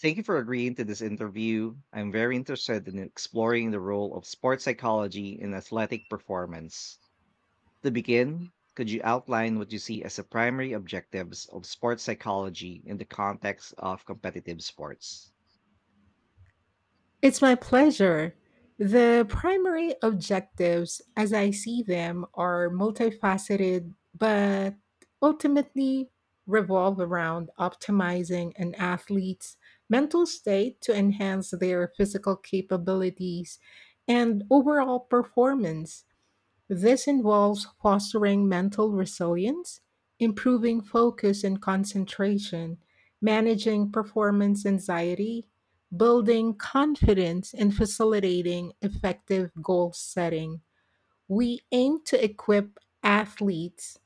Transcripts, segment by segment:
Thank you for agreeing to this interview. I'm very interested in exploring the role of sports psychology in athletic performance. To begin, could you outline what you see as the primary objectives of sports psychology in the context of competitive sports? It's my pleasure. The primary objectives, as I see them, are multifaceted but ultimately revolve around optimizing an athlete's mental state to enhance their physical capabilities and overall performance. This involves fostering mental resilience, improving focus and concentration, managing performance anxiety, building confidence, and facilitating effective goal setting. We aim to equip athletes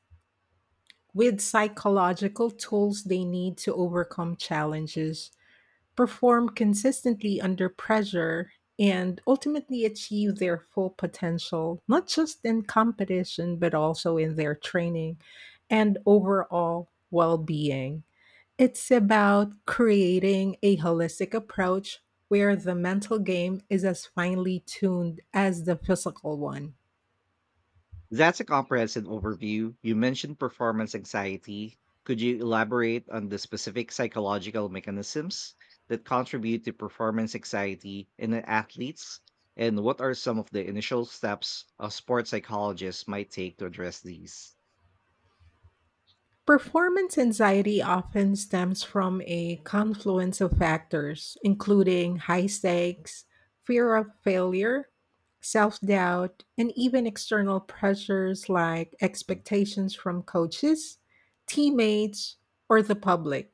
with psychological tools they need to overcome challenges perform consistently under pressure, and ultimately achieve their full potential, not just in competition, but also in their training and overall well being. It's about creating a holistic approach where the mental game is as finely tuned as the physical one. That's a comprehensive overview. You mentioned performance anxiety. Could you elaborate on the specific psychological mechanisms that contribute to performance anxiety in the athletes? And what are some of the initial steps a sports psychologist might take to address these? Performance anxiety often stems from a confluence of factors, including high stakes, fear of failure, self doubt, and even external pressures like expectations from coaches, teammates, or the public.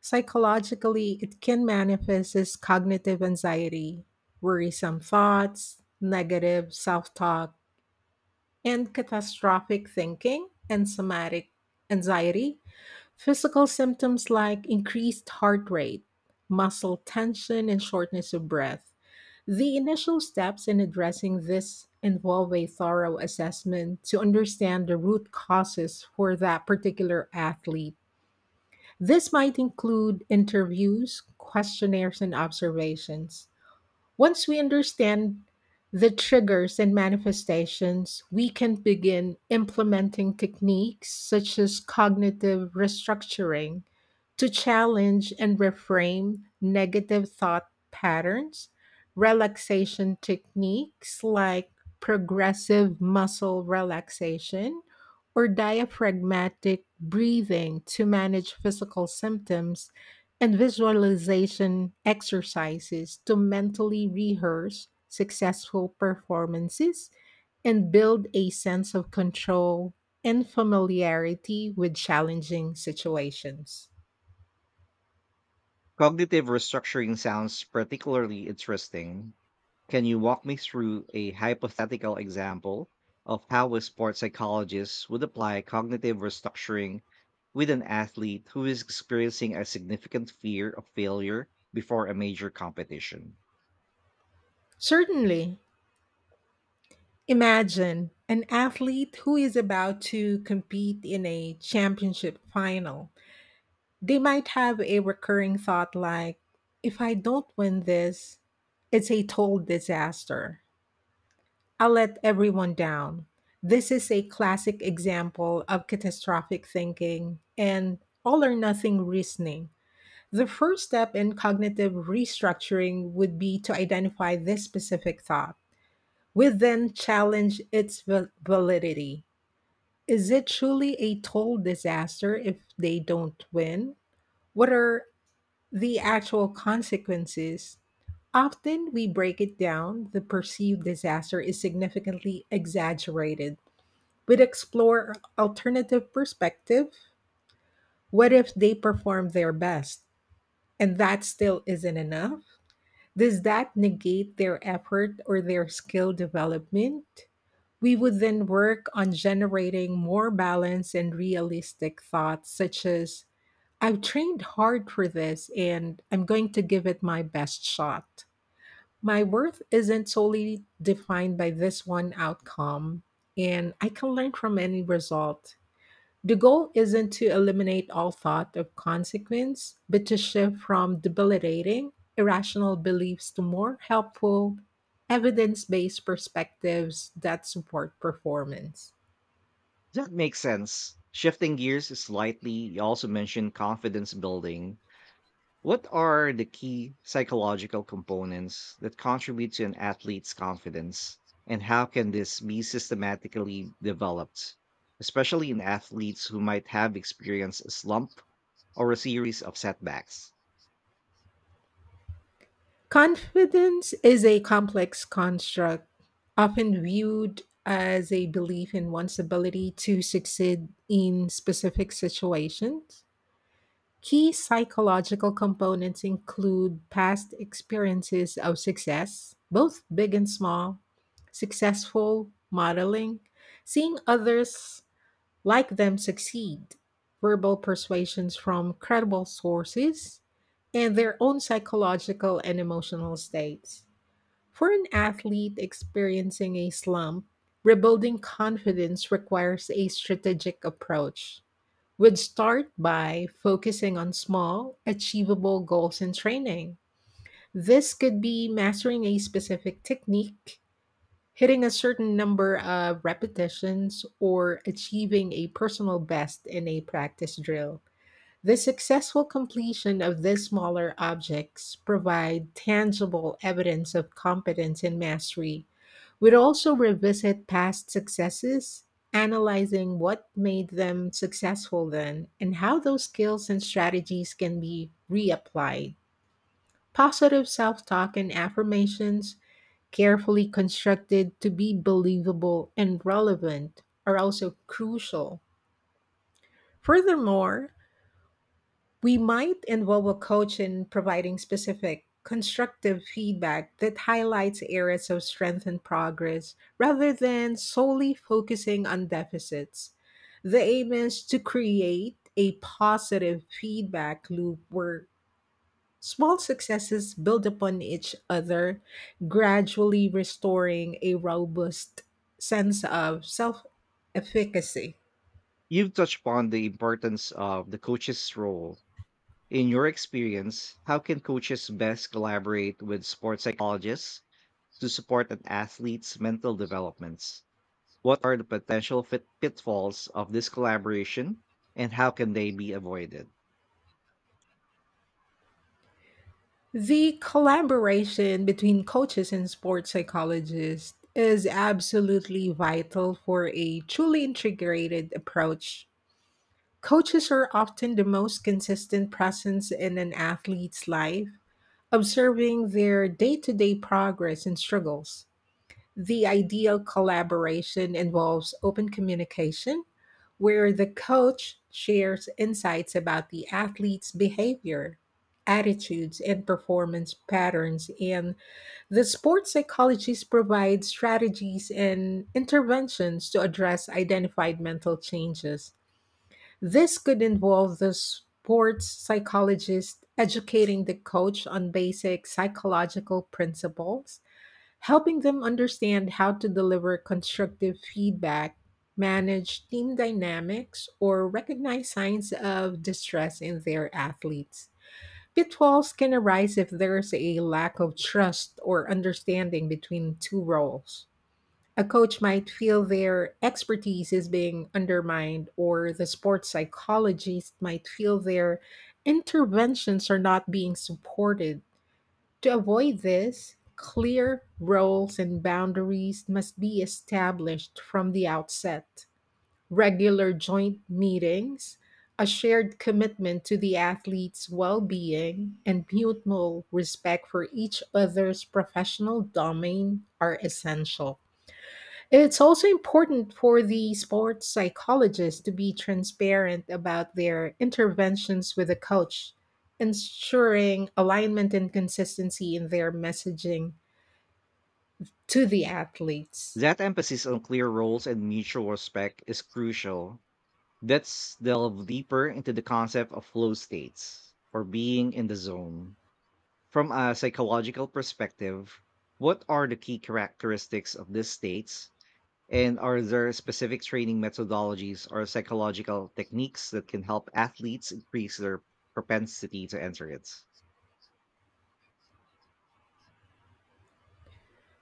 Psychologically, it can manifest as cognitive anxiety, worrisome thoughts, negative self talk, and catastrophic thinking, and somatic anxiety. Physical symptoms like increased heart rate, muscle tension, and shortness of breath. The initial steps in addressing this involve a thorough assessment to understand the root causes for that particular athlete. This might include interviews, questionnaires, and observations. Once we understand the triggers and manifestations, we can begin implementing techniques such as cognitive restructuring to challenge and reframe negative thought patterns, relaxation techniques like progressive muscle relaxation or diaphragmatic breathing to manage physical symptoms and visualization exercises to mentally rehearse successful performances and build a sense of control and familiarity with challenging situations. Cognitive restructuring sounds particularly interesting. Can you walk me through a hypothetical example of how a sports psychologist would apply cognitive restructuring with an athlete who is experiencing a significant fear of failure before a major competition? Certainly, imagine an athlete who is about to compete in a championship final. They might have a recurring thought like, if I don't win this, it's a total disaster. I let everyone down. This is a classic example of catastrophic thinking and all or nothing reasoning. The first step in cognitive restructuring would be to identify this specific thought. We then challenge its validity. Is it truly a total disaster if they don't win? What are the actual consequences? Often we break it down, the perceived disaster is significantly exaggerated. We'd explore alternative perspective. What if they perform their best and that still isn't enough? Does that negate their effort or their skill development? We would then work on generating more balanced and realistic thoughts, such as, I've trained hard for this and I'm going to give it my best shot. My worth isn't solely defined by this one outcome, and I can learn from any result. The goal isn't to eliminate all thought of consequence, but to shift from debilitating, irrational beliefs to more helpful, evidence based perspectives that support performance. That makes sense. Shifting gears slightly, you also mentioned confidence building. What are the key psychological components that contribute to an athlete's confidence, and how can this be systematically developed, especially in athletes who might have experienced a slump or a series of setbacks? Confidence is a complex construct, often viewed as a belief in one's ability to succeed in specific situations. Key psychological components include past experiences of success, both big and small, successful modeling, seeing others like them succeed, verbal persuasions from credible sources, and their own psychological and emotional states. For an athlete experiencing a slump, rebuilding confidence requires a strategic approach would start by focusing on small, achievable goals in training. This could be mastering a specific technique, hitting a certain number of repetitions, or achieving a personal best in a practice drill. The successful completion of these smaller objects provide tangible evidence of competence and mastery. We'd also revisit past successes, analyzing what made them successful then and how those skills and strategies can be reapplied. Positive self talk and affirmations, carefully constructed to be believable and relevant, are also crucial. Furthermore, we might involve a coach in providing specific, constructive feedback that highlights areas of strength and progress rather than solely focusing on deficits. The aim is to create a positive feedback loop where small successes build upon each other, gradually restoring a robust sense of self efficacy. You've touched upon the importance of the coach's role. In your experience, how can coaches best collaborate with sports psychologists to support an athlete's mental developments? What are the potential pitfalls of this collaboration and how can they be avoided? The collaboration between coaches and sports psychologists is absolutely vital for a truly integrated approach. Coaches are often the most consistent presence in an athlete's life, observing their day to day progress and struggles. The ideal collaboration involves open communication, where the coach shares insights about the athlete's behavior, attitudes, and performance patterns, and the sports psychologist provides strategies and interventions to address identified mental changes. This could involve the sports psychologist educating the coach on basic psychological principles helping them understand how to deliver constructive feedback, manage team dynamics, or recognize signs of distress in their athletes. Pitfalls can arise if there's a lack of trust or understanding between two roles. A coach might feel their expertise is being undermined, or the sports psychologist might feel their interventions are not being supported to avoid this, clear roles and boundaries must be established from the outset. Regular joint meetings, a shared commitment to the athlete's well being, and mutual respect for each other's professional domain are essential. It's also important for the sports psychologist to be transparent about their interventions with the coach, ensuring alignment and consistency in their messaging to the athletes. That emphasis on clear roles and mutual respect is crucial. Let's delve deeper into the concept of flow states or being in the zone. From a psychological perspective, what are the key characteristics of these states? And are there specific training methodologies or psychological techniques that can help athletes increase their propensity to enter it?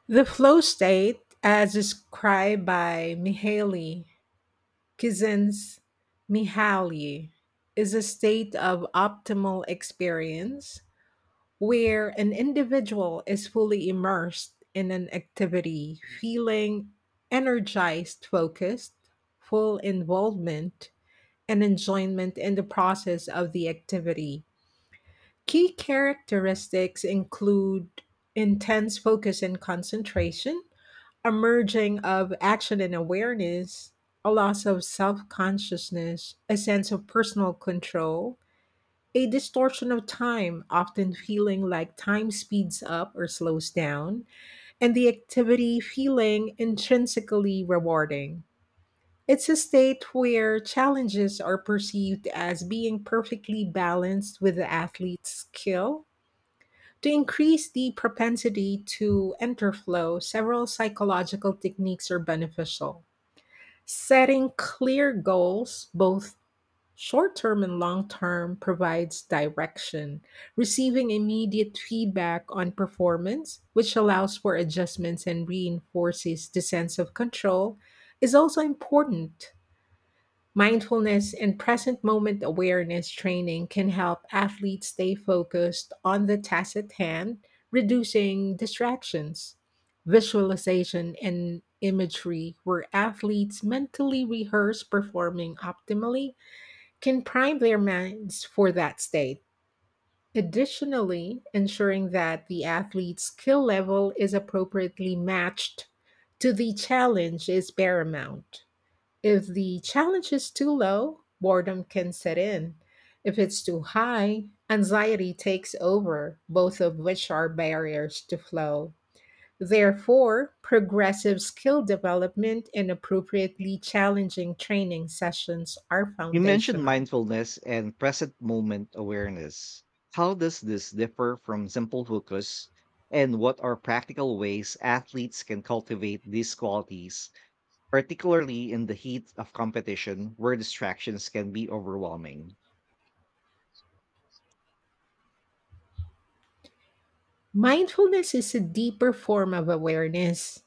The flow state, as described by Mihaly Csikszentmihalyi, is a state of optimal experience where an individual is fully immersed in an activity, feeling energized, focused, full involvement, and enjoyment in the process of the activity. Key characteristics include intense focus and concentration, a merging of action and awareness, a loss of self consciousness, a sense of personal control, a distortion of time, often feeling like time speeds up or slows down, and the activity feeling intrinsically rewarding. It's a state where challenges are perceived as being perfectly balanced with the athlete's skill. To increase the propensity to enter flow, several psychological techniques are beneficial. Setting clear goals, both short term and long term provides direction, receiving immediate feedback on performance, which allows for adjustments and reinforces the sense of control, is also important. Mindfulness and present moment awareness training can help athletes stay focused on the task at hand, reducing distractions. Visualization and imagery, where athletes mentally rehearse performing optimally, can prime their minds for that state, additionally ensuring that the athlete's skill level is appropriately matched to the challenge is paramount. If the challenge is too low, boredom can set in. If it's too high, anxiety takes over, both of which are barriers to flow. Therefore, progressive skill development and appropriately challenging training sessions are You mentioned foundational. mindfulness and present moment awareness. How does this differ from simple focus? And what are practical ways athletes can cultivate these qualities, particularly in the heat of competition where distractions can be overwhelming? Mindfulness is a deeper form of awareness,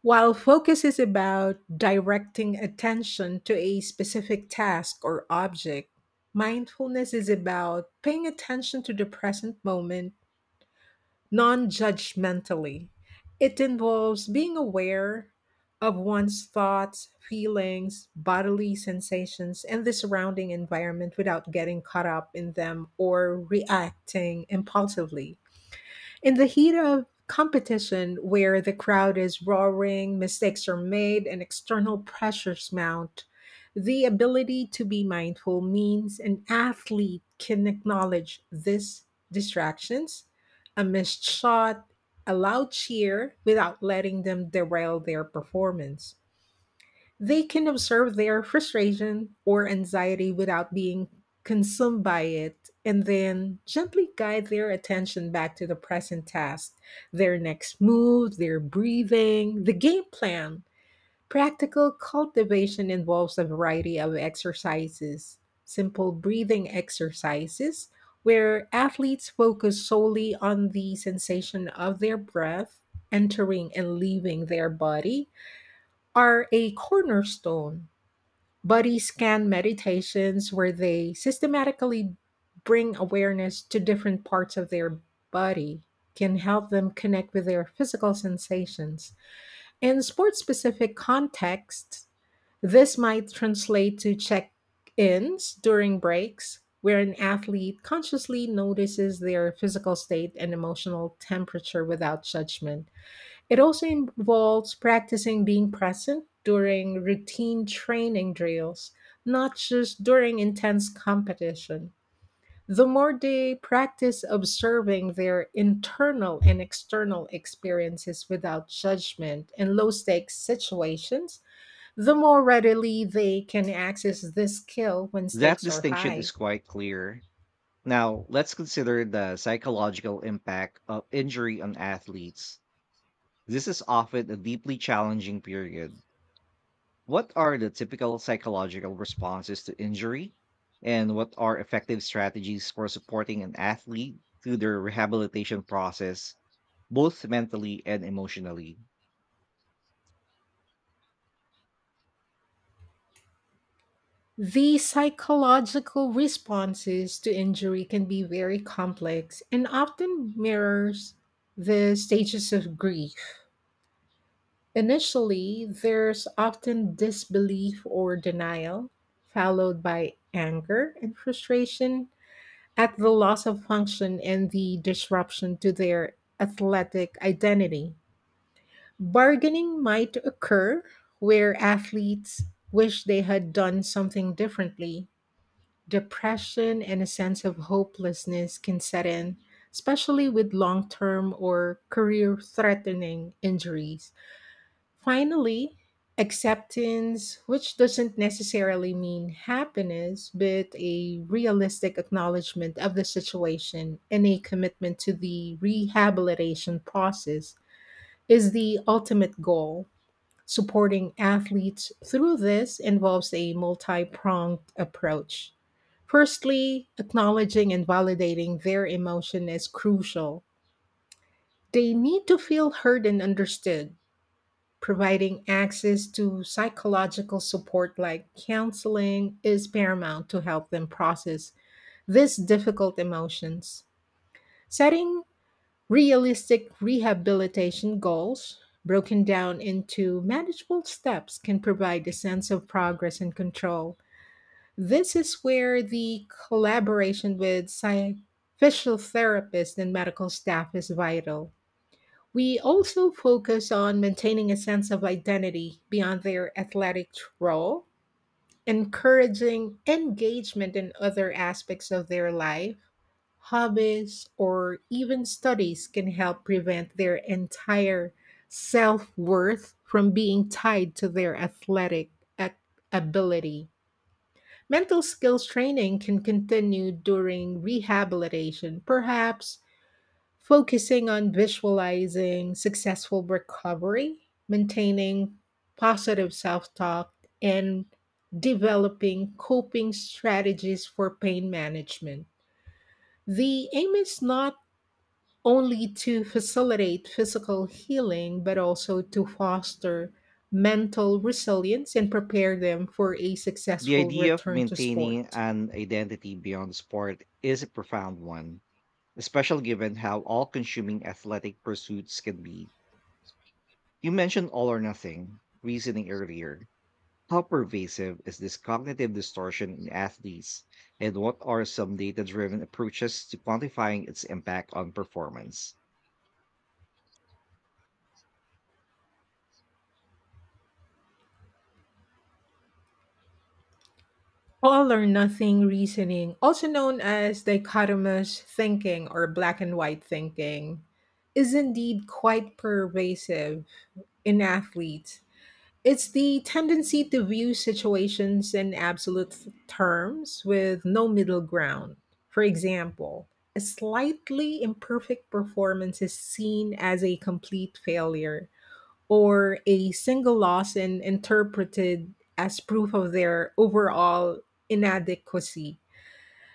while focus is about directing attention to a specific task or object. Mindfulness is about paying attention to the present moment non judgmentally. It involves being aware of one's thoughts, feelings, bodily sensations, and the surrounding environment without getting caught up in them or reacting impulsively. In the heat of competition, where the crowd is roaring, mistakes are made, and external pressures mount, the ability to be mindful means an athlete can acknowledge these distractions, a missed shot, a loud cheer, without letting them derail their performance. They can observe their frustration or anxiety without being consumed by it, and then gently guide their attention back to the present task, their next move, their breathing, the game plan. Practical cultivation involves a variety of exercises, simple breathing exercises, where athletes focus solely on the sensation of their breath entering and leaving their body, are a cornerstone body scan meditations where they systematically bring awareness to different parts of their body can help them connect with their physical sensations. In sports specific contexts, this might translate to check ins during breaks, where an athlete consciously notices their physical state and emotional temperature without judgment. It also involves practicing being present during routine training drills, not just during intense competition. The more they practice observing their internal and external experiences without judgment in low stakes situations, the more readily they can access this skill when That stakes are distinction high. is quite clear. Now, let's consider the psychological impact of injury on athletes. This is often a deeply challenging period. What are the typical psychological responses to injury? And what are effective strategies for supporting an athlete through their rehabilitation process, both mentally and emotionally? The psychological responses to injury can be very complex and often mirrors the stages of grief. Initially, there's often disbelief or denial, followed by anger and frustration at the loss of function and the disruption to their athletic identity. Bargaining might occur where athletes wish they had done something differently. Depression and a sense of hopelessness can set in, especially with long term or career threatening injuries. Finally, acceptance, which doesn't necessarily mean happiness, but a realistic acknowledgement of the situation and a commitment to the rehabilitation process, is the ultimate goal supporting athletes through this involves a multi pronged approach. Firstly, acknowledging and validating their emotion is crucial. They need to feel heard and understood. Providing access to psychological support like counseling is paramount to help them process these difficult emotions. Setting realistic rehabilitation goals, broken down into manageable steps, can provide a sense of progress and control. This is where the collaboration with physical therapists and medical staff is vital. We also focus on maintaining a sense of identity beyond their athletic role, encouraging engagement in other aspects of their life Hobbies or even studies can help prevent their entire self worth from being tied to their athletic ac- ability. Mental skills training can continue during rehabilitation, perhaps focusing on visualizing successful recovery, maintaining positive self talk, and developing coping strategies for pain management. The aim is not only to facilitate physical healing, but also to foster mental resilience and prepare them for a The successful idea of return to maintaining sport. an identity beyond sport is a profound one, especially given how all consuming athletic pursuits can be. You mentioned all or nothing reasoning earlier. How pervasive is this cognitive distortion in athletes, and what are some data driven approaches to quantifying its impact on performance? All or nothing reasoning, also known as dichotomous thinking or black and white thinking, is indeed quite pervasive in athletes. It's the tendency to view situations in absolute terms with no middle ground. For example, a slightly imperfect performance is seen as a complete failure, or a single loss and interpreted as proof of their overall inadequacy.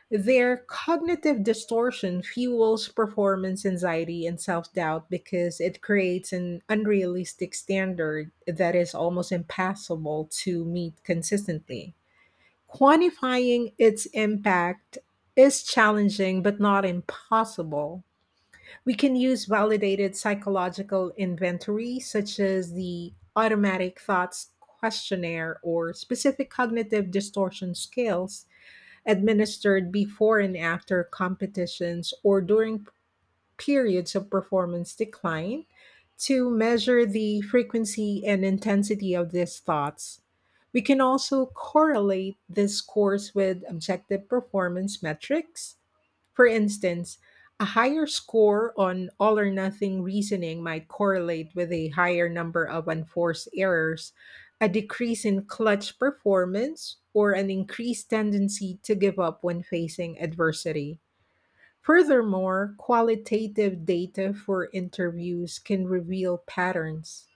Their cognitive distortion fuels performance anxiety and self doubt because it creates an unrealistic standard that is almost impossible to meet consistently. Quantifying its impact is challenging but not impossible. We can use validated psychological inventory, such as the automatic thoughts questionnaire or specific cognitive distortion scales administered before and after competitions or during periods of performance decline to measure the frequency and intensity of these thoughts. We can also correlate this scores with objective performance metrics. For instance, a higher score on all or nothing reasoning might correlate with a higher number of unforced errors, a decrease in clutch performance, or an increased tendency to give up when facing adversity. Furthermore, qualitative data for interviews can reveal patterns.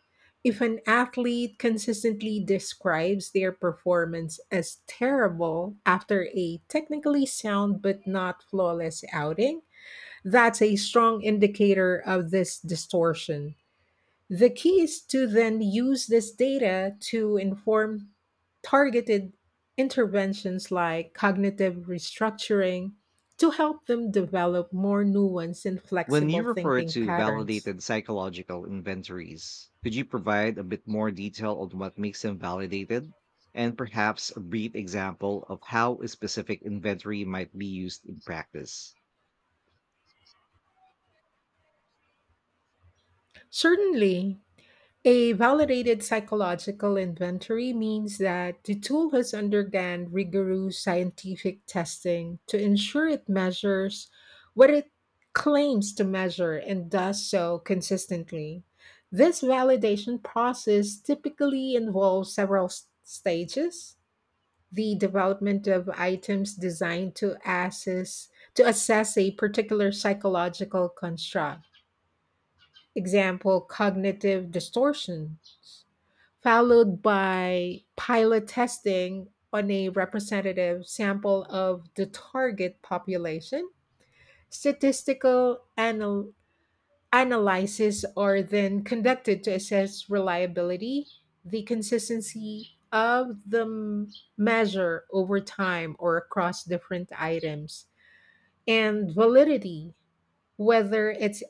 If an athlete consistently describes their performance as terrible after a technically sound but not flawless outing, that's a strong indicator of this distortion. The key is to then use this data to inform targeted interventions like cognitive restructuring to help them develop more nuanced and When flexible you refer thinking to patterns. validated psychological inventories, could you provide a bit more detail on what makes them validated? And perhaps a brief example of how a specific inventory might be used in practice. Certainly, a validated psychological inventory means that the tool has undergone rigorous scientific testing to ensure it measures what it claims to measure and does so consistently. This validation process typically involves several stages. The development of items designed to assess a particular psychological construct. Example: cognitive distortion, followed by pilot testing on a representative sample of the target population. Statistical anal- analyses are then conducted to assess reliability, the consistency of the measure over time or across different items, and validity, whether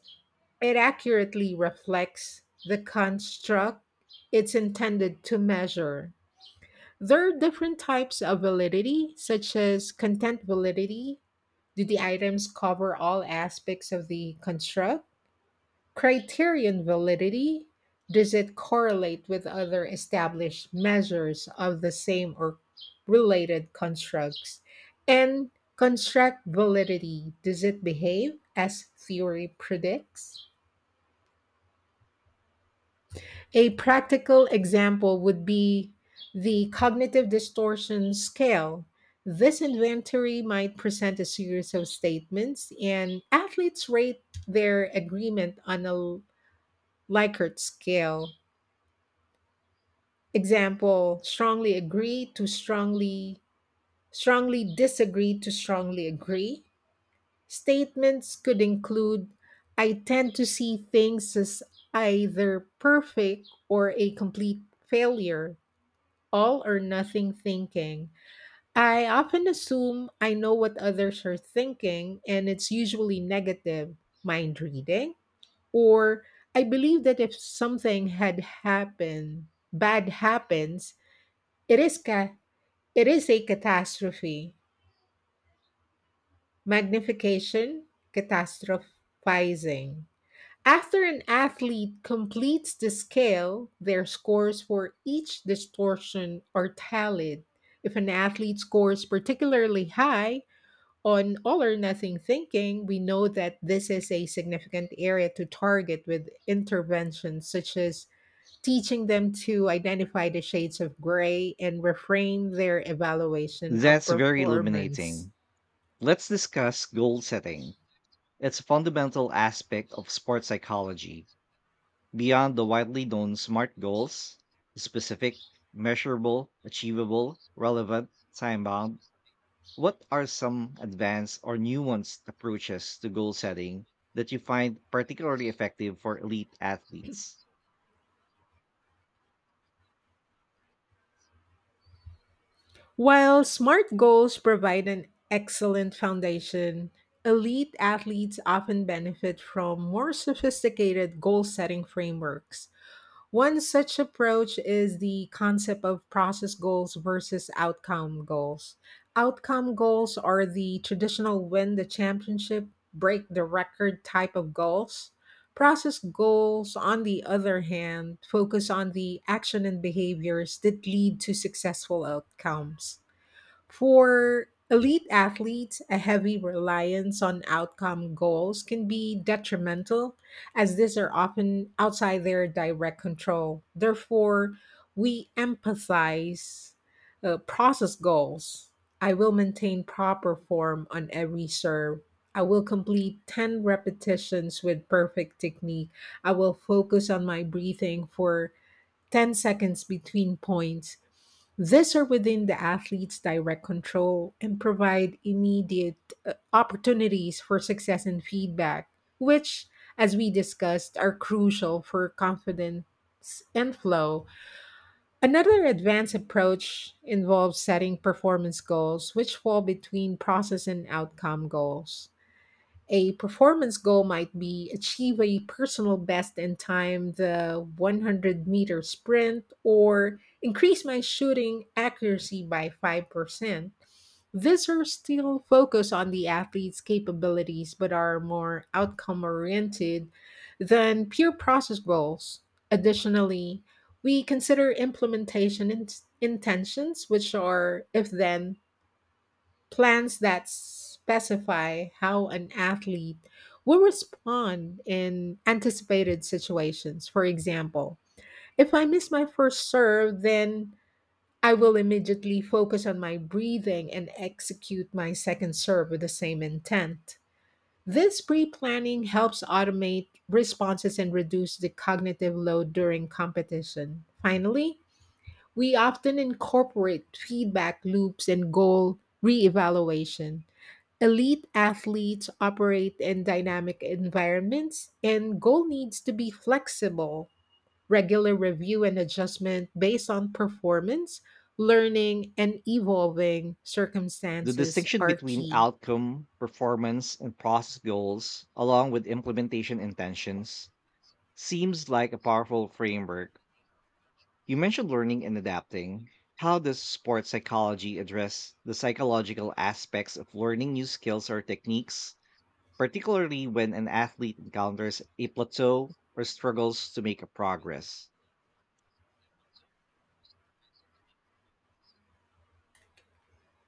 it accurately reflects the construct it's intended to measure. There are different types of validity, such as content validity. Do the items cover all aspects of the construct? Criterion validity. Does it correlate with other established measures of the same or related constructs? And construct validity. Does it behave as theory predicts? A practical example would be the cognitive distortion scale. This inventory might present a series of statements, and athletes rate their agreement on a Likert scale. Example: strongly agree to strongly disagree to strongly agree. Statements could include: I tend to see things as either perfect or a complete failure, all or nothing thinking. I often assume I know what others are thinking, and it's usually negative, mind reading. Or I believe that if happened, bad happens, it is ca- it is a catastrophe. Magnification, catastrophizing. After an athlete completes the scale, their scores for each distortion are tallied. If an athlete scores particularly high on all or nothing thinking, we know that this is a significant area to target with interventions such as teaching them to identify the shades of gray and reframe their evaluation of That's very performance. illuminating. Let's discuss goal setting. It's a fundamental aspect of sports psychology. Beyond the widely known SMART goals, specific, measurable, achievable, relevant, time bound, what are some advanced or nuanced approaches to goal setting that you find particularly effective for elite athletes? While SMART goals provide an excellent foundation, elite athletes often benefit from more sophisticated goal setting frameworks. One such approach is the concept of process goals versus outcome goals. Outcome goals are the traditional win the championship, break the record type of goals. Process goals, on the other hand, focus on the action and behaviors that lead to successful outcomes. For elite athletes, a heavy reliance on outcome goals can be detrimental, as these are often outside their direct control. Therefore, we emphasize process goals. I will maintain proper form on every serve. I will complete 10 repetitions with perfect technique. I will focus on my breathing for 10 seconds between points. These are within the athlete's direct control and provide immediate opportunities for success and feedback, which, as we discussed, are crucial for confidence and flow. Another advanced approach involves setting performance goals, which fall between process and outcome goals. A performance goal might be achieve a personal best in time the 100-meter sprint or increase my shooting accuracy by 5%. These are still focused on the athlete's capabilities but are more outcome oriented than pure process goals. Additionally, we consider intentions, which are if then plans that specify how an athlete will respond in anticipated situations. For example, if I miss my first serve, then I will immediately focus on my breathing and execute my second serve with the same intent. This pre planning helps automate responses and reduce the cognitive load during competition. Finally, we often incorporate feedback loops and goal reevaluation. Elite athletes operate in dynamic environments, and goal needs to be flexible. Regular review and adjustment based on performance, learning, and evolving The circumstances distinction are between key. outcome, performance, and process goals, along with implementation intentions, seems like a powerful framework. You mentioned learning and adapting. How does sports psychology address the psychological aspects of learning new skills or techniques, particularly when an athlete encounters a plateau or struggles to make a progress?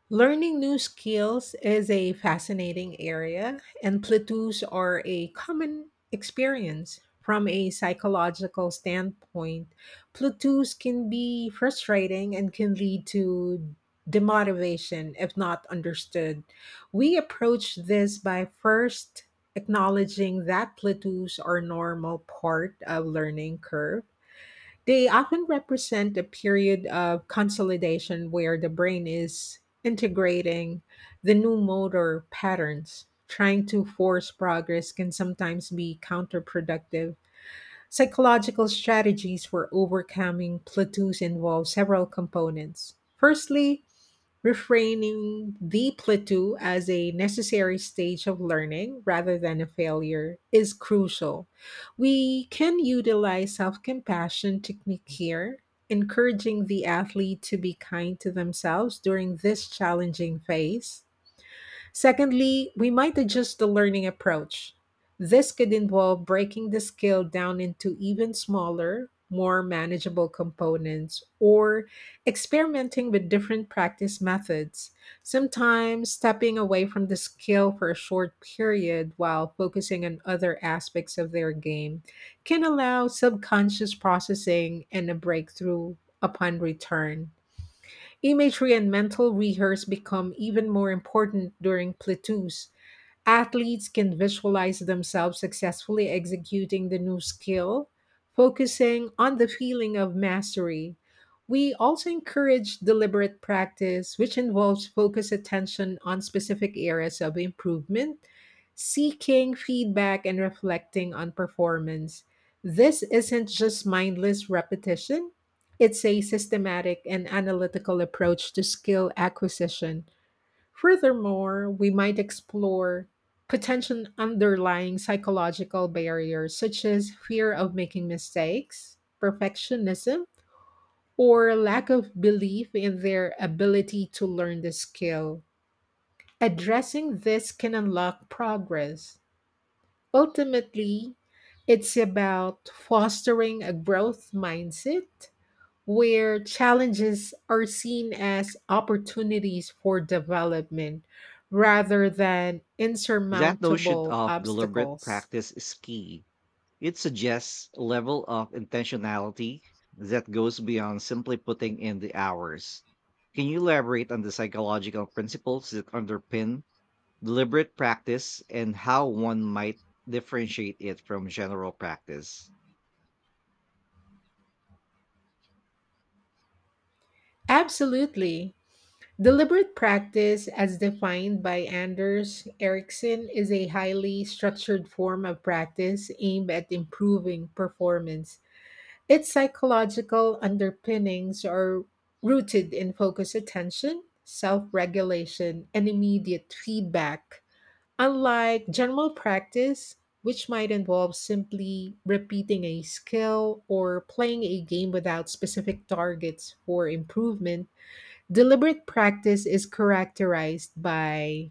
Learning new skills is a fascinating area, and plateaus are a common experience. From a psychological standpoint, plateaus can be frustrating and can lead to demotivation if not understood. We approach this by first acknowledging that plateaus are normal part of learning curve. They often represent a period of consolidation where the brain is integrating the new motor patterns. Trying to force progress can sometimes be counterproductive. Psychological strategies for overcoming plateaus involve several components. Firstly, reframing the plateau as a necessary stage of learning rather than a failure is crucial. We can utilize self compassion technique here, encouraging the athlete to be kind to themselves during this challenging phase. Secondly, we might adjust the learning approach. This could involve breaking the skill down into even smaller, more manageable components or experimenting with different practice methods. Sometimes stepping away from the skill for a short period while focusing on other aspects of their game can allow subconscious processing and a breakthrough upon return. Imagery and mental rehearse become even more important during plettus. Athletes can visualize themselves successfully executing the new skill, focusing on the feeling of mastery. We also encourage deliberate practice, which involves focused attention on specific areas of improvement, seeking feedback, and reflecting on performance. This isn't just mindless repetition, it's a systematic and analytical approach to skill acquisition. Furthermore, we might explore potential underlying psychological barriers such as fear of making mistakes, perfectionism, or lack of belief in their ability to learn the skill. Addressing this can unlock progress. Ultimately, it's about fostering a growth mindset where challenges are seen as opportunities for development rather than That notion insurmountable of deliberate obstacles. practice is key. It suggests a level of intentionality that goes beyond simply putting in the hours. Can you elaborate on the psychological principles that underpin deliberate practice and how one might differentiate it from general practice? Absolutely. Deliberate practice, as defined by Anders Ericsson, is a highly structured form of practice aimed at improving performance. Its psychological underpinnings are rooted in focused attention, self regulation, and immediate feedback. Unlike general practice, which might involve simply repeating a skill or playing a game without specific targets for improvement, deliberate practice is characterized by: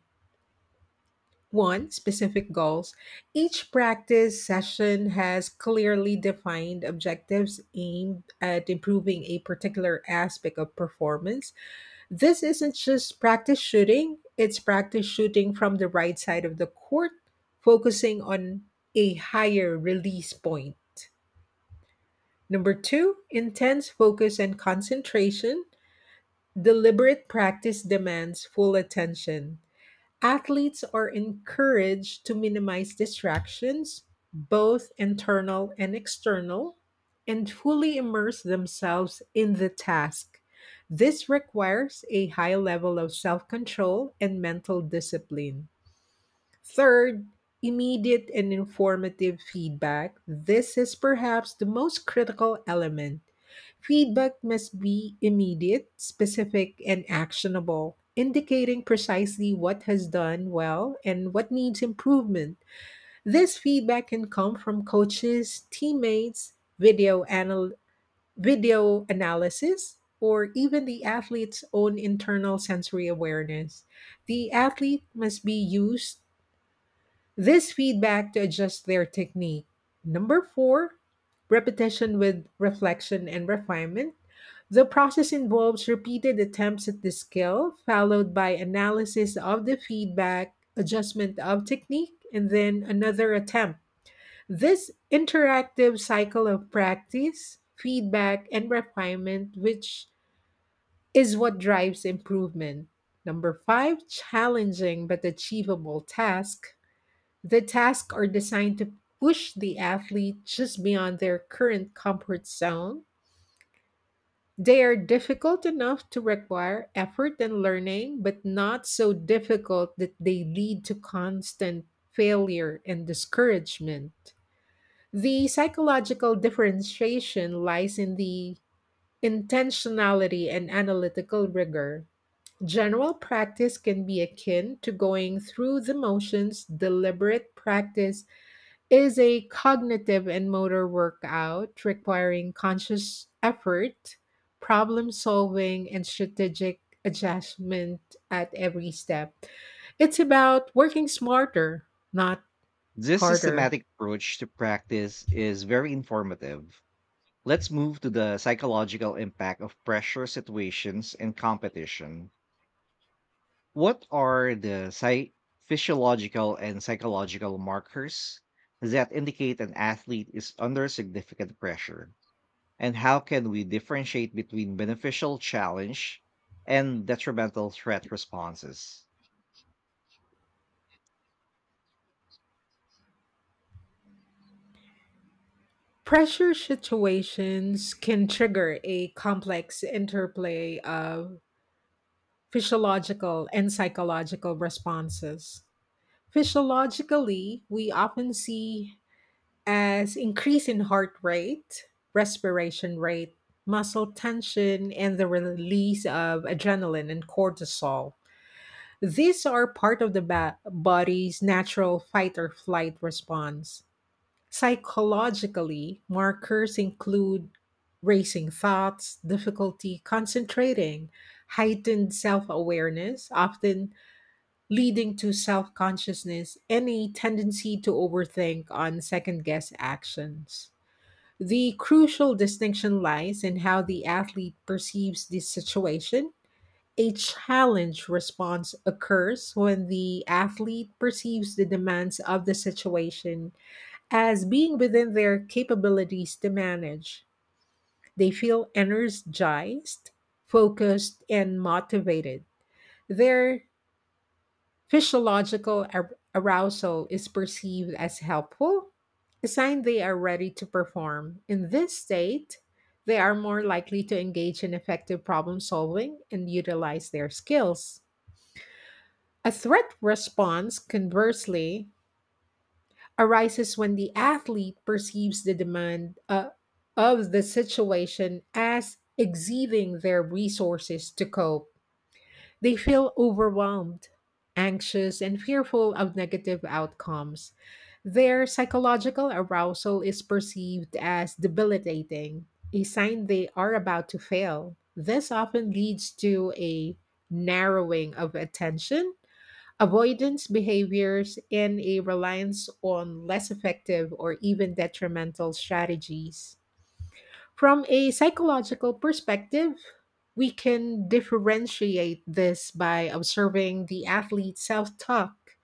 one, specific goals. Each practice session has clearly defined objectives aimed at improving a particular aspect of performance. This isn't just practice shooting, it's practice shooting from the right side of the court, focusing on a higher release point. Number two, intense focus and concentration. Deliberate practice demands full attention. Athletes are encouraged to minimize distractions, both internal and external, and fully immerse themselves in the task. This requires a high level of self control and mental discipline. Third, immediate and informative feedback. This is perhaps the most critical element. Feedback must be immediate, specific, and actionable, indicating precisely what has done well and what needs improvement. This feedback can come from coaches, teammates, video analysis, or even the athlete's own internal sensory awareness. The athlete must be used this feedback to adjust their technique. Number four, repetition with reflection and refinement. The process involves repeated attempts at the skill, followed by analysis of the feedback, adjustment of technique, and then another attempt. This interactive cycle of practice, feedback, and refinement, which is what drives improvement. Number five, challenging but achievable task. The tasks are designed to push the athlete just beyond their current comfort zone. They are difficult enough to require effort and learning, but not so difficult that they lead to constant failure and discouragement. The psychological differentiation lies in the intentionality and analytical rigor. General practice can be akin to going through the motions, deliberate practice is a cognitive and motor workout requiring conscious effort, problem solving, and strategic adjustment at every step. It's about working smarter, not This harder. systematic approach to practice is very informative. Let's move to the psychological impact of pressure situations and competition. What are the physiological and psychological markers that indicate an athlete is under significant pressure? And how can we differentiate between beneficial challenge and detrimental threat responses? Pressure situations can trigger a complex interplay of physiological and psychological responses. Physiologically, we often see as increase in heart rate, respiration rate, muscle tension, and the release of adrenaline and cortisol. These are part of the body's natural fight or flight response. Psychologically, markers include racing thoughts, difficulty concentrating, heightened self awareness, often leading to self consciousness and a tendency to overthink on second guess actions. The crucial distinction lies in how the athlete perceives the situation. A challenge response occurs when the athlete perceives the demands of the situation as being within their capabilities to manage. They feel energized, focused, and motivated. Their physiological arousal is perceived as helpful, a sign they are ready to perform. In this state, they are more likely to engage in effective problem solving and utilize their skills. A threat response, conversely, arises when the athlete perceives the demand of the situation as exceeding their resources to cope. They feel overwhelmed, anxious, and fearful of negative outcomes. Their psychological arousal is perceived as debilitating, a sign they are about to fail. This often leads to a narrowing of attention, avoidance behaviors, and a reliance on less effective or even detrimental strategies. From a psychological perspective, we can differentiate this by observing the athlete's self talk,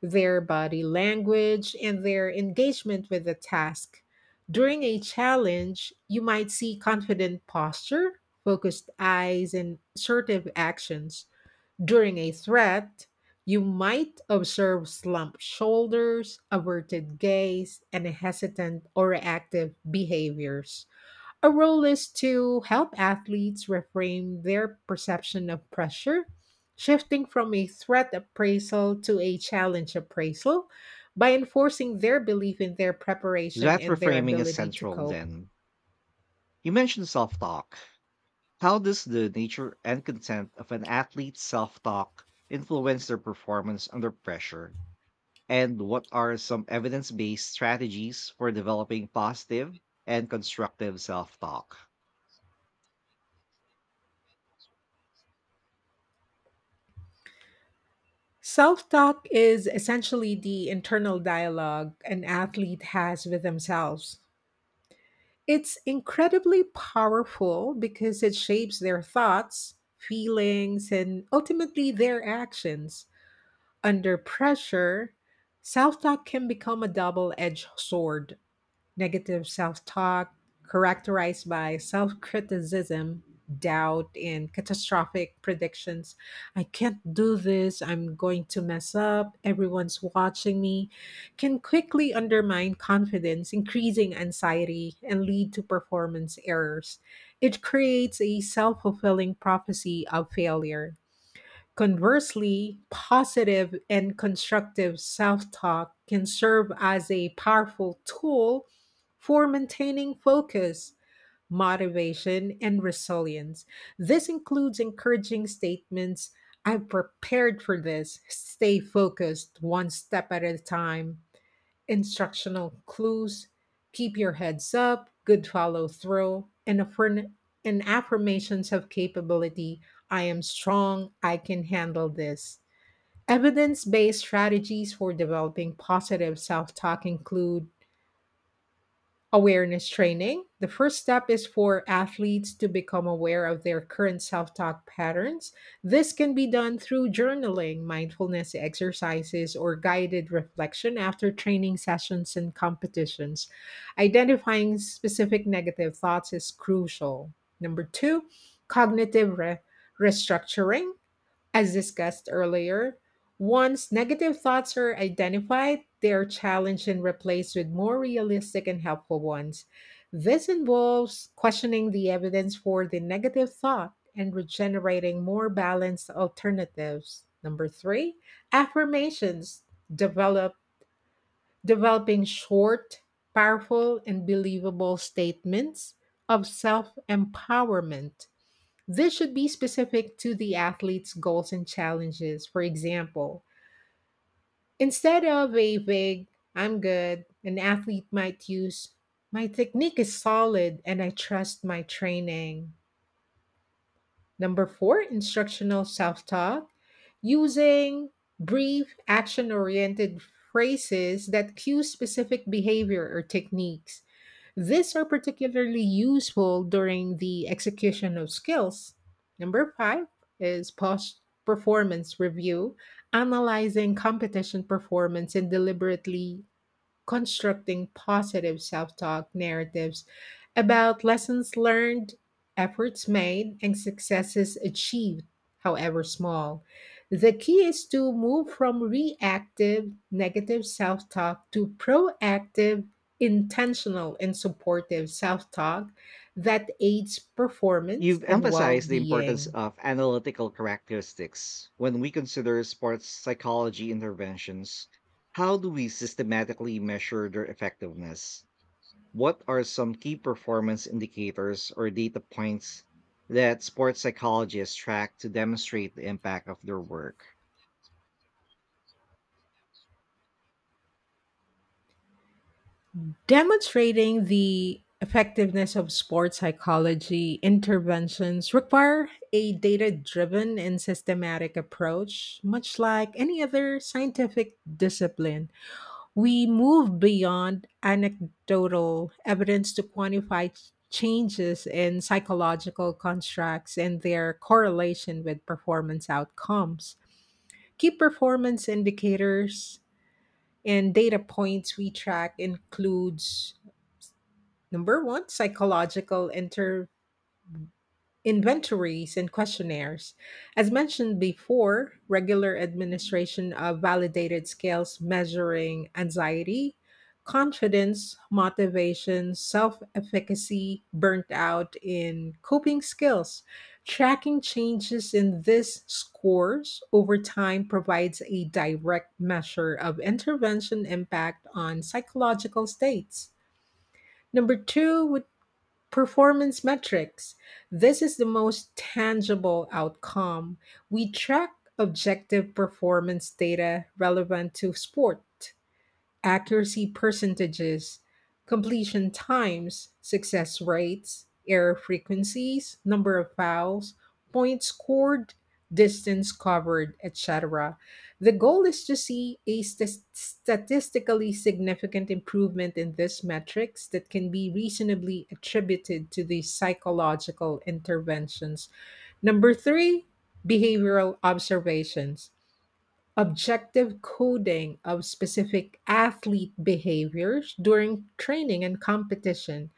their body language, and their engagement with the task. During a challenge, you might see confident posture, focused eyes, and assertive actions. During a threat, you might observe slumped shoulders, averted gaze, and hesitant or reactive behaviors. A role is to help athletes reframe their perception of pressure, shifting from a threat appraisal to a challenge appraisal by enforcing their belief in their preparation That and their reframing is ability to central cope. then. You mentioned self talk. How does the nature and content of an athlete's self talk influence their performance under pressure? And what are some evidence based strategies for developing positive and constructive self talk? Self talk is essentially the internal dialogue an athlete has with themselves. It's incredibly powerful because it shapes their thoughts, feelings, and ultimately their actions. Under pressure, self talk can become a double edged sword. Negative self talk, characterized by self criticism, doubt, and catastrophic predictions. I can't do this. I'm going to mess up. Everyone's watching me. Can quickly undermine confidence, increasing anxiety, and lead to performance errors. It creates a self fulfilling prophecy of failure. Conversely, positive and constructive self talk can serve as a powerful tool for maintaining focus, motivation, and resilience. This includes encouraging statements: I'm prepared for this, stay focused one step at a time. Instructional clues: keep your heads up, good follow through, and and affirmations of capability. I am strong, I can handle this. Evidence based strategies for developing positive self talk include: Awareness training. The first step is for athletes to become aware of their current self talk patterns. This can be done through journaling, mindfulness exercises, or guided reflection after training sessions and competitions. Identifying specific negative thoughts is crucial. Number two, cognitive restructuring. As discussed earlier, once negative thoughts are identified, they are challenged and replaced with more realistic and helpful ones. This involves questioning the evidence for the negative thought and regenerating more balanced alternatives. Number three, affirmations: develop developing short, powerful, and believable statements of self empowerment. This should be specific to the athlete's goals and challenges. For example, instead of a vague, I'm good, an athlete might use, my technique is solid and I trust my training. Number four, instructional self talk, using brief, action oriented phrases that cue specific behavior or techniques. These are particularly useful during the execution of skills. Number five is post performance review, analyzing competition performance and deliberately constructing positive self talk narratives about lessons learned, efforts made, and successes achieved, however small. The key is to move from reactive negative self talk to proactive, intentional, and supportive self talk that aids performance You've and well emphasized the importance being. of analytical characteristics when we consider sports psychology interventions. How do we systematically measure their effectiveness? What are some key performance indicators or data points that sports psychologists track to demonstrate the impact of their work? Demonstrating the effectiveness of sports psychology interventions require a data-driven and systematic approach, much like any other scientific discipline. We move beyond anecdotal evidence to quantify changes in psychological constructs and their correlation with performance outcomes. Key performance indicators and data points we track includes: Number one, psychological inventories and questionnaires. As mentioned before, regular administration of validated scales measuring anxiety, confidence, motivation, self efficacy, burnt out in coping skills. Tracking changes in these scores over time provides a direct measure of intervention impact on psychological states. Number two would Performance metrics. This is the most tangible outcome. We track objective performance data relevant to sport: accuracy percentages, completion times, success rates, error frequencies, number of fouls, points scored, distance covered, etc. The goal is to see a statistically significant improvement in these metrics that can be reasonably attributed to the psychological interventions. Number three, behavioral observations: objective coding of specific athlete behaviors during training and competition.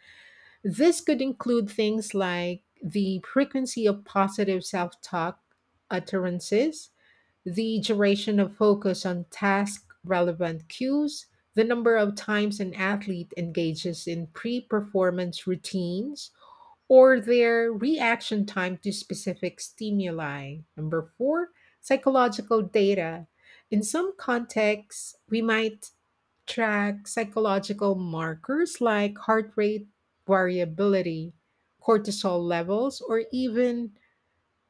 This could include things like the frequency of positive self talk utterances, the duration of focus on task relevant cues, the number of times an athlete engages in pre performance routines, or their reaction time to specific stimuli. Number four, psychological data. In some contexts, we might track psychological markers like heart rate variability, cortisol levels, or even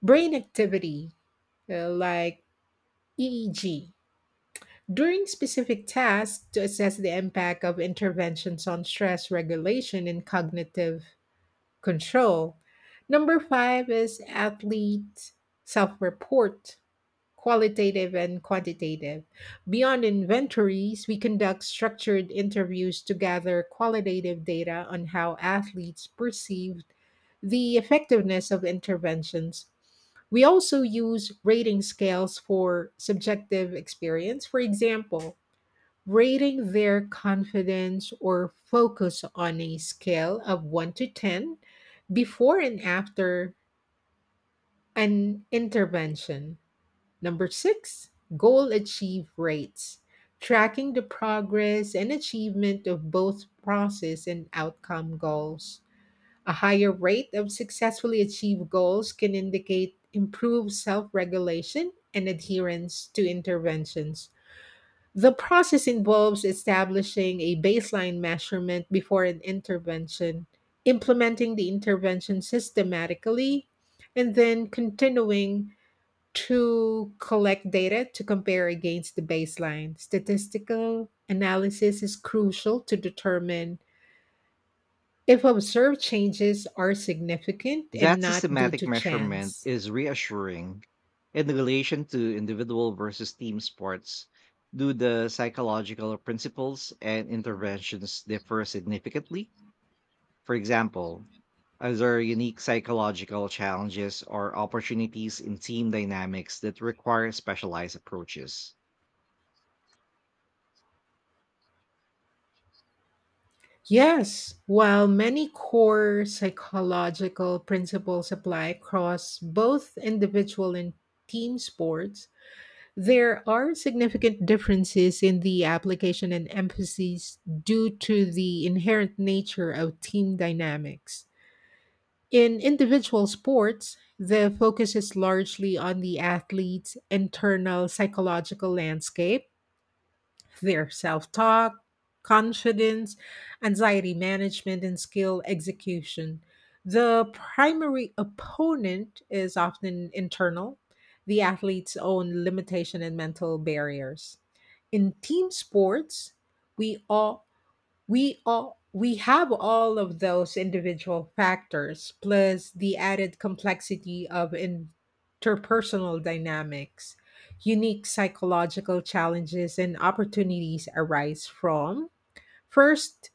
brain activity, like EEG during specific tasks to assess the impact of interventions on stress regulation and cognitive control. Number five is athlete self report, qualitative and quantitative. Beyond inventories, we conduct structured interviews to gather qualitative data on how athletes perceived the effectiveness of interventions. We also use rating scales for subjective experience. For example, rating their confidence or focus on a scale of 1 to 10 before and after an intervention. Number six, goal achieve rates, tracking the progress and achievement of both process and outcome goals. A higher rate of successfully achieved goals can indicate improved self regulation and adherence to interventions. The process involves establishing a baseline measurement before an intervention, implementing the intervention systematically, and then continuing to collect data to compare against the baseline. Statistical analysis is crucial to determine if observed changes are significant and That not due systematic to measurement chance. is reassuring. In relation to individual versus team sports, do the psychological principles and interventions differ significantly? For example, are there unique psychological challenges or opportunities in team dynamics that require specialized approaches? Yes, while many core psychological principles apply across both individual and team sports, there are significant differences in the application and emphasis due to the inherent nature of team dynamics. In individual sports, the focus is largely on the athlete's internal psychological landscape: their self talk, confidence, anxiety management, and skill execution. The primary opponent is often internal, the athlete's own limitation and mental barriers. In team sports, we all we all we have all of those individual factors plus the added complexity of interpersonal dynamics. Unique psychological challenges and opportunities arise from: first,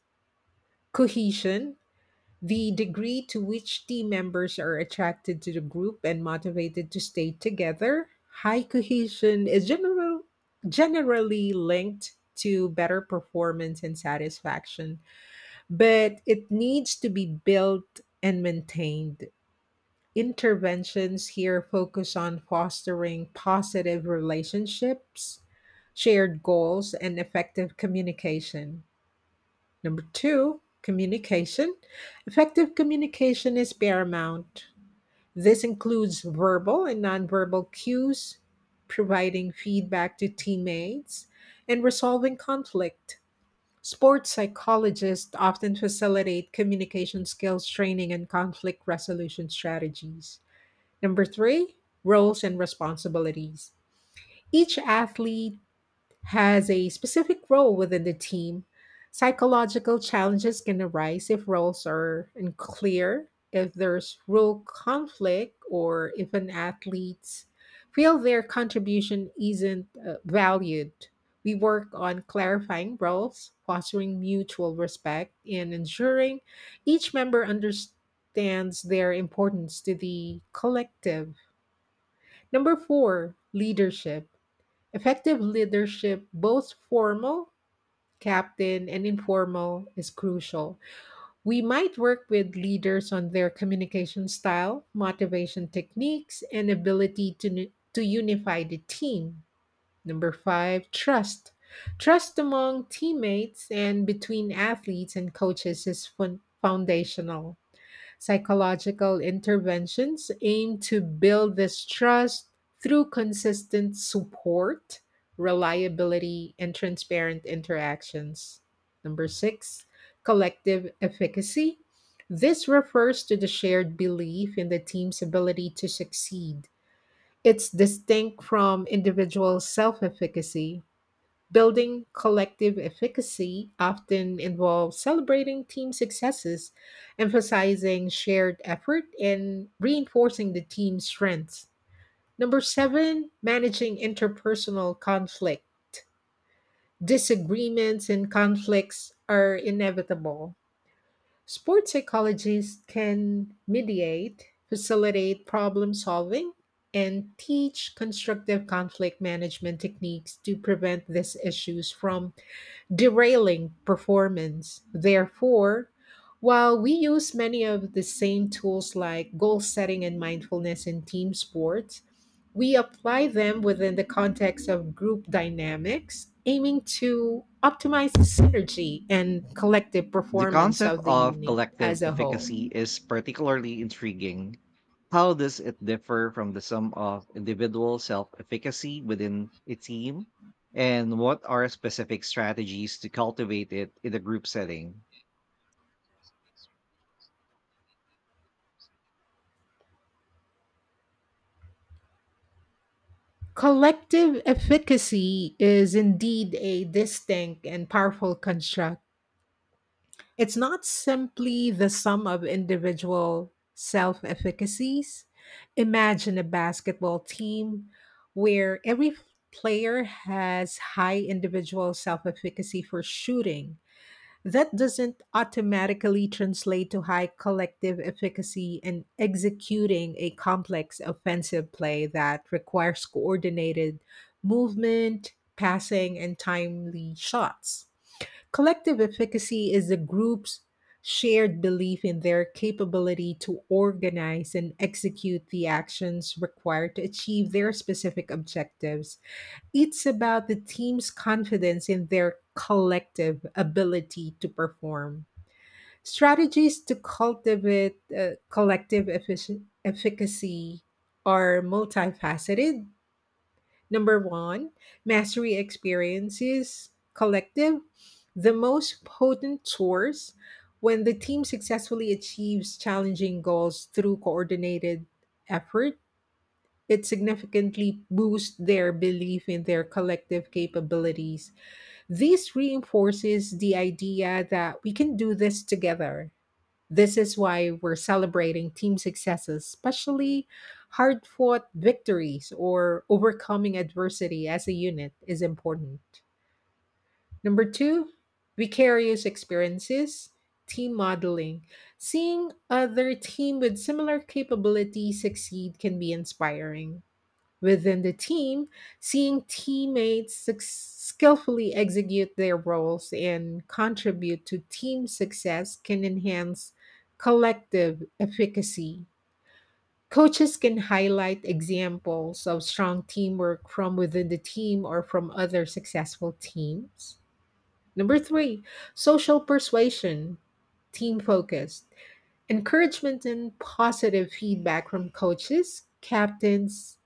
cohesion, the degree to which team members are attracted to the group and motivated to stay together. High cohesion is generally linked to better performance and satisfaction, but it needs to be built and maintained. Interventions here focus on fostering positive relationships, shared goals, and effective communication. Number two, communication. Effective communication is paramount. This includes verbal and nonverbal cues, providing feedback to teammates, and resolving conflict. Sports psychologists often facilitate communication skills training and conflict resolution strategies. Number three, roles and responsibilities. Each athlete has a specific role within the team. Psychological challenges can arise if roles are unclear, if there's role conflict, or if an athletes feel their contribution isn't valued. We work on clarifying roles, fostering mutual respect, and ensuring each member understands their importance to the collective. Number four, leadership. Effective leadership, both formal, captain, and informal, is crucial. We might work with leaders on their communication style, motivation techniques, and ability to, to unify the team. Number five, trust. Trust among teammates and between athletes and coaches is foundational. Psychological interventions aim to build this trust through consistent support, reliability, and transparent interactions. Number six, collective efficacy. This refers to the shared belief in the team's ability to succeed. It's distinct from individual self efficacy. Building collective efficacy often involves celebrating team successes, emphasizing shared effort, and reinforcing the team's strengths. Number seven, managing interpersonal conflict. Disagreements and conflicts are inevitable. Sports psychologists can mediate, facilitate problem solving, and teach constructive conflict management techniques to prevent these issues from derailing performance. Therefore, while we use many of the same tools like goal setting and mindfulness in team sports, we apply them within the context of group dynamics, aiming to optimize the synergy and collective The performance concept of the of unit as collective a whole. efficacy is particularly intriguing. How does it differ from the sum of individual self efficacy within a team? And what are specific strategies to cultivate it in a group setting? Collective efficacy is indeed a distinct and powerful construct. It's not simply the sum of individual self efficacies. Imagine a basketball team where every player has high individual self efficacy for shooting. That doesn't automatically translate to high collective efficacy in executing a complex offensive play that requires coordinated movement, passing, and timely shots. Collective efficacy is the group's shared belief in their capability to organize and execute the actions required to achieve their specific objectives. It's about the team's confidence in their collective ability to perform. Strategies to cultivate collective efficacy are multifaceted. Number one, mastery experiences collective, the most potent source when the team successfully achieves challenging goals through coordinated effort. It significantly boosts their belief in their collective capabilities. This reinforces the idea that we can do this together. This is why we're celebrating team successes, especially hard fought victories or overcoming adversity as a unit is important. Number two, vicarious experiences, team modeling. Seeing other team with similar capabilities succeed can be inspiring. Within the team, seeing teammates suc skillfully execute their roles and contribute to team success can enhance collective efficacy. Coaches can highlight examples of strong teamwork from within the team or from other successful teams. Number three, social persuasion, team focused encouragement and positive feedback from coaches, captains,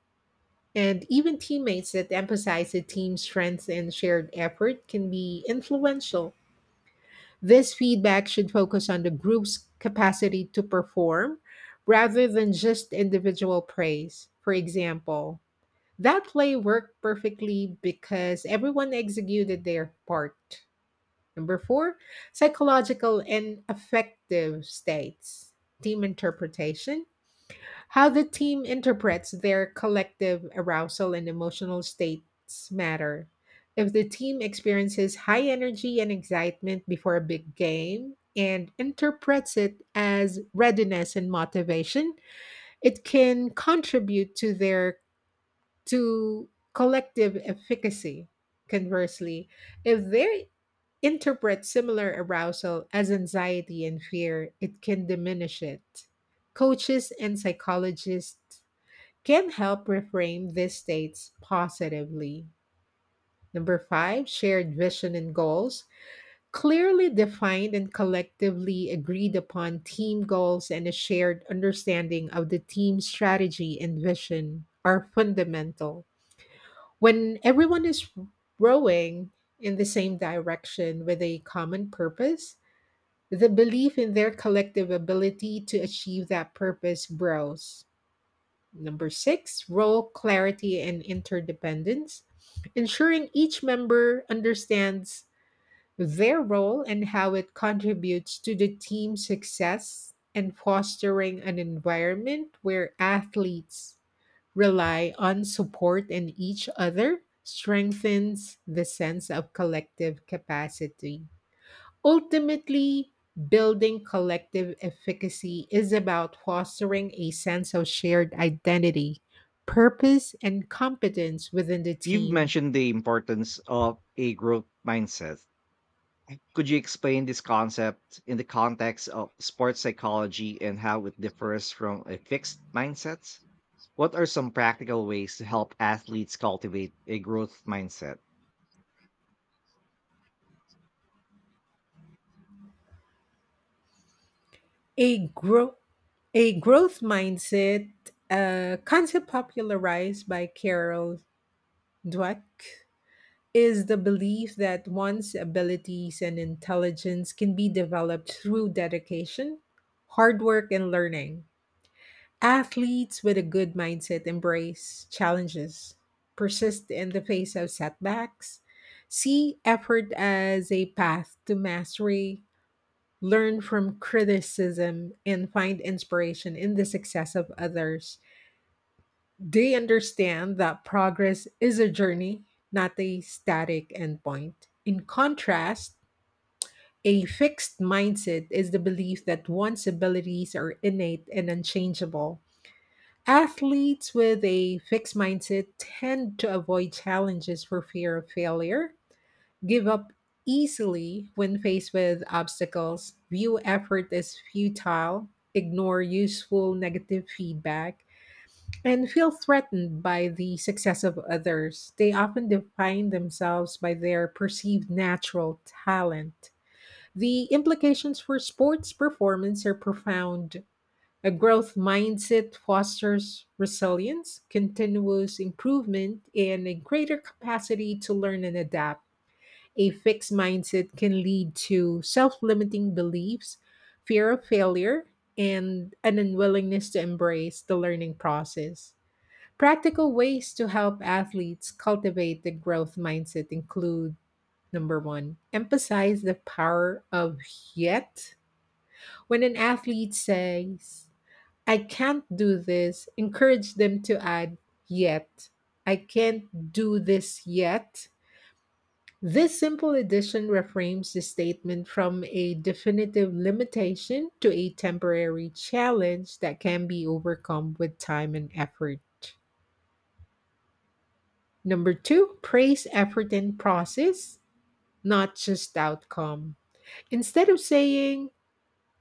and even teammates that emphasize the team's strengths and shared effort can be influential. This feedback should focus on the group's capacity to perform rather than just individual praise. For example, that play worked perfectly because everyone executed their part. Number four, psychological and affective states. Team interpretation, how the team interprets their collective arousal and emotional states matter. If the team experiences high energy and excitement before a big game and interprets it as readiness and motivation, it can contribute to their to collective efficacy. Conversely, if they interpret similar arousal as anxiety and fear, it can diminish it. Coaches and psychologists can help reframe these states positively. Number five, shared vision and goals. Clearly defined and collectively agreed upon team goals and a shared understanding of the team's strategy and vision are fundamental. When everyone is rowing in the same direction with a common purpose, the belief in their collective ability to achieve that purpose grows. Number six, role clarity and interdependence, ensuring each member understands their role and how it contributes to the team's success and fostering an environment where athletes rely on support and each other strengthens the sense of collective capacity. Ultimately, building collective efficacy is about fostering a sense of shared identity, purpose, and competence within the You've team. mentioned the importance of a growth mindset. Could you explain this concept in the context of sports psychology and how it differs from a fixed mindset? What are some practical ways to help athletes cultivate a growth mindset? A grow, a growth mindset, a concept popularized by Carol Dweck, is the belief that one's abilities and intelligence can be developed through dedication, hard work, and learning. Athletes with a good mindset embrace challenges, persist in the face of setbacks, see effort as a path to mastery, learn from criticism, and find inspiration in the success of others. They understand that progress is a journey, not a static endpoint. In contrast, a fixed mindset is the belief that one's abilities are innate and unchangeable. Athletes with a fixed mindset tend to avoid challenges for fear of failure, give up easily when faced with obstacles, view effort as futile, ignore useful negative feedback, and feel threatened by the success of others. They often define themselves by their perceived natural talent. The implications for sports performance are profound. A growth mindset fosters resilience, continuous improvement, and a greater capacity to learn and adapt. A fixed mindset can lead to self limiting beliefs, fear of failure, and an unwillingness to embrace the learning process. Practical ways to help athletes cultivate the growth mindset include: number one, emphasize the power of yet. When an athlete says, "I can't do this," encourage them to add yet. I can't do this yet. This simple addition reframes the statement from a definitive limitation to a temporary challenge that can be overcome with time and effort. Number two, praise effort and process, not just outcome. Instead of saying,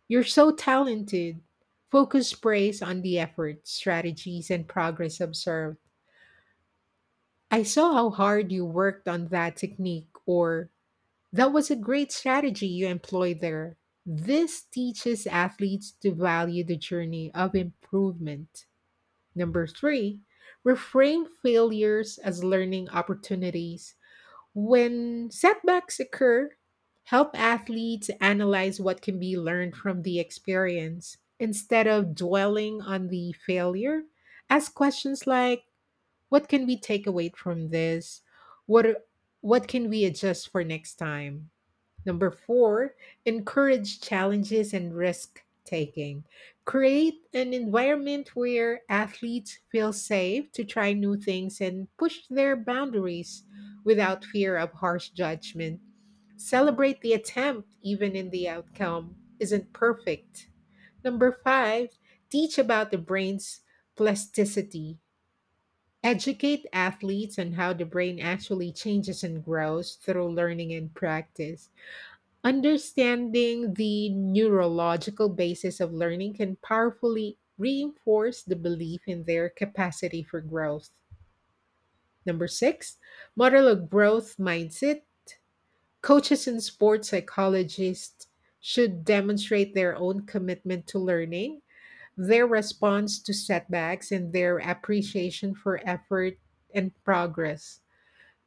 "You're so talented," focus praise on the effort, strategies, and progress observed. I saw how hard you worked on that technique, or that was a great strategy you employed there. This teaches athletes to value the journey of improvement. Number three, reframe failures as learning opportunities. When setbacks occur, help athletes analyze what can be learned from the experience. Instead of dwelling on the failure, ask questions like, what can we take away from this? What are- what can we adjust for next time? Number 4, encourage challenges and risk taking. Create an environment where athletes feel safe to try new things and push their boundaries without fear of harsh judgment. Celebrate the attempt even in the outcome isn't perfect. Number 5, teach about the brain's plasticity. Educate athletes on how the brain actually changes and grows through learning and practice. Understanding the neurological basis of learning can powerfully reinforce the belief in their capacity for growth. Number six, model a growth mindset. Coaches and sports psychologists should demonstrate their own commitment to learning, their response to setbacks, and their appreciation for effort and progress.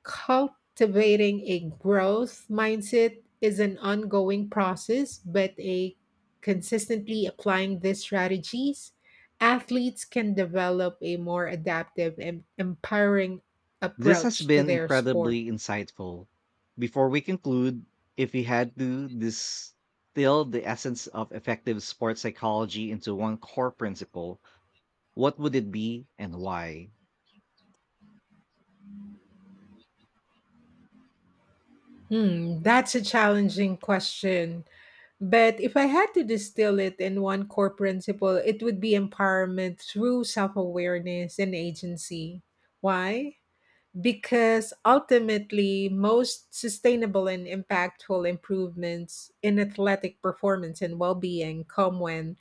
Cultivating a growth mindset is an ongoing process, but a consistently applying these strategies, athletes can develop a more adaptive and empowering This has approach to been their sport. incredibly insightful. Before we conclude, if we had to distill the essence of effective sports psychology into one core principle, what would it be and why? Hmm, that's a challenging question. But if I had to distill it in one core principle, it would be empowerment through self awareness and agency. Why? Because ultimately, most sustainable and impactful improvements in athletic performance and well being come when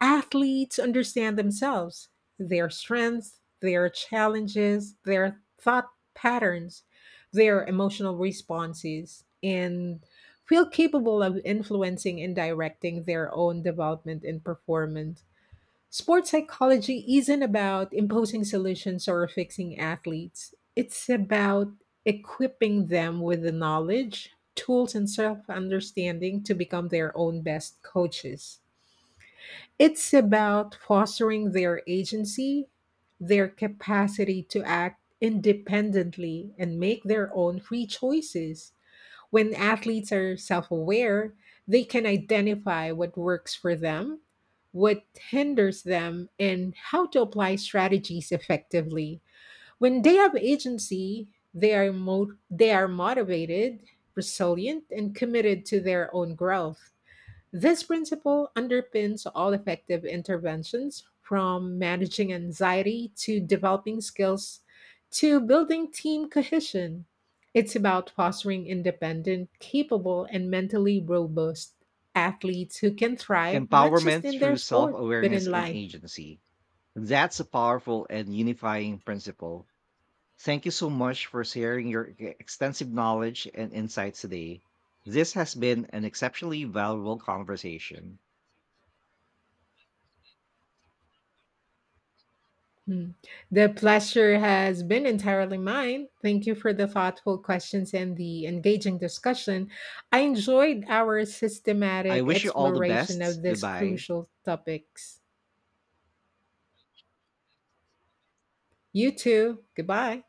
athletes understand themselves, their strengths, their challenges, their thought patterns, their emotional responses, and feel capable of influencing and directing their own development and performance. Sports psychology isn't about imposing solutions or fixing athletes. It's about equipping them with the knowledge, tools, and self understanding to become their own best coaches. It's about fostering their agency, their capacity to act independently, and make their own free choices. When athletes are self aware, they can identify what works for them, what hinders them, and how to apply strategies effectively. When they have agency, they are motivated, resilient, and committed to their own growth. This principle underpins all effective interventions, from managing anxiety to developing skills to building team cohesion. It's about fostering independent, capable, and mentally robust athletes who can thrive not just Empowerment in their through self sport, but in awareness and life. agency. That's a powerful and unifying principle. Thank you so much for sharing your extensive knowledge and insights today. This has been an exceptionally valuable conversation. Hmm. The pleasure has been entirely mine. Thank you for the thoughtful questions and the engaging discussion. I enjoyed our I systematic wish you all the exploration of best. these Goodbye. crucial topics. You too. Goodbye.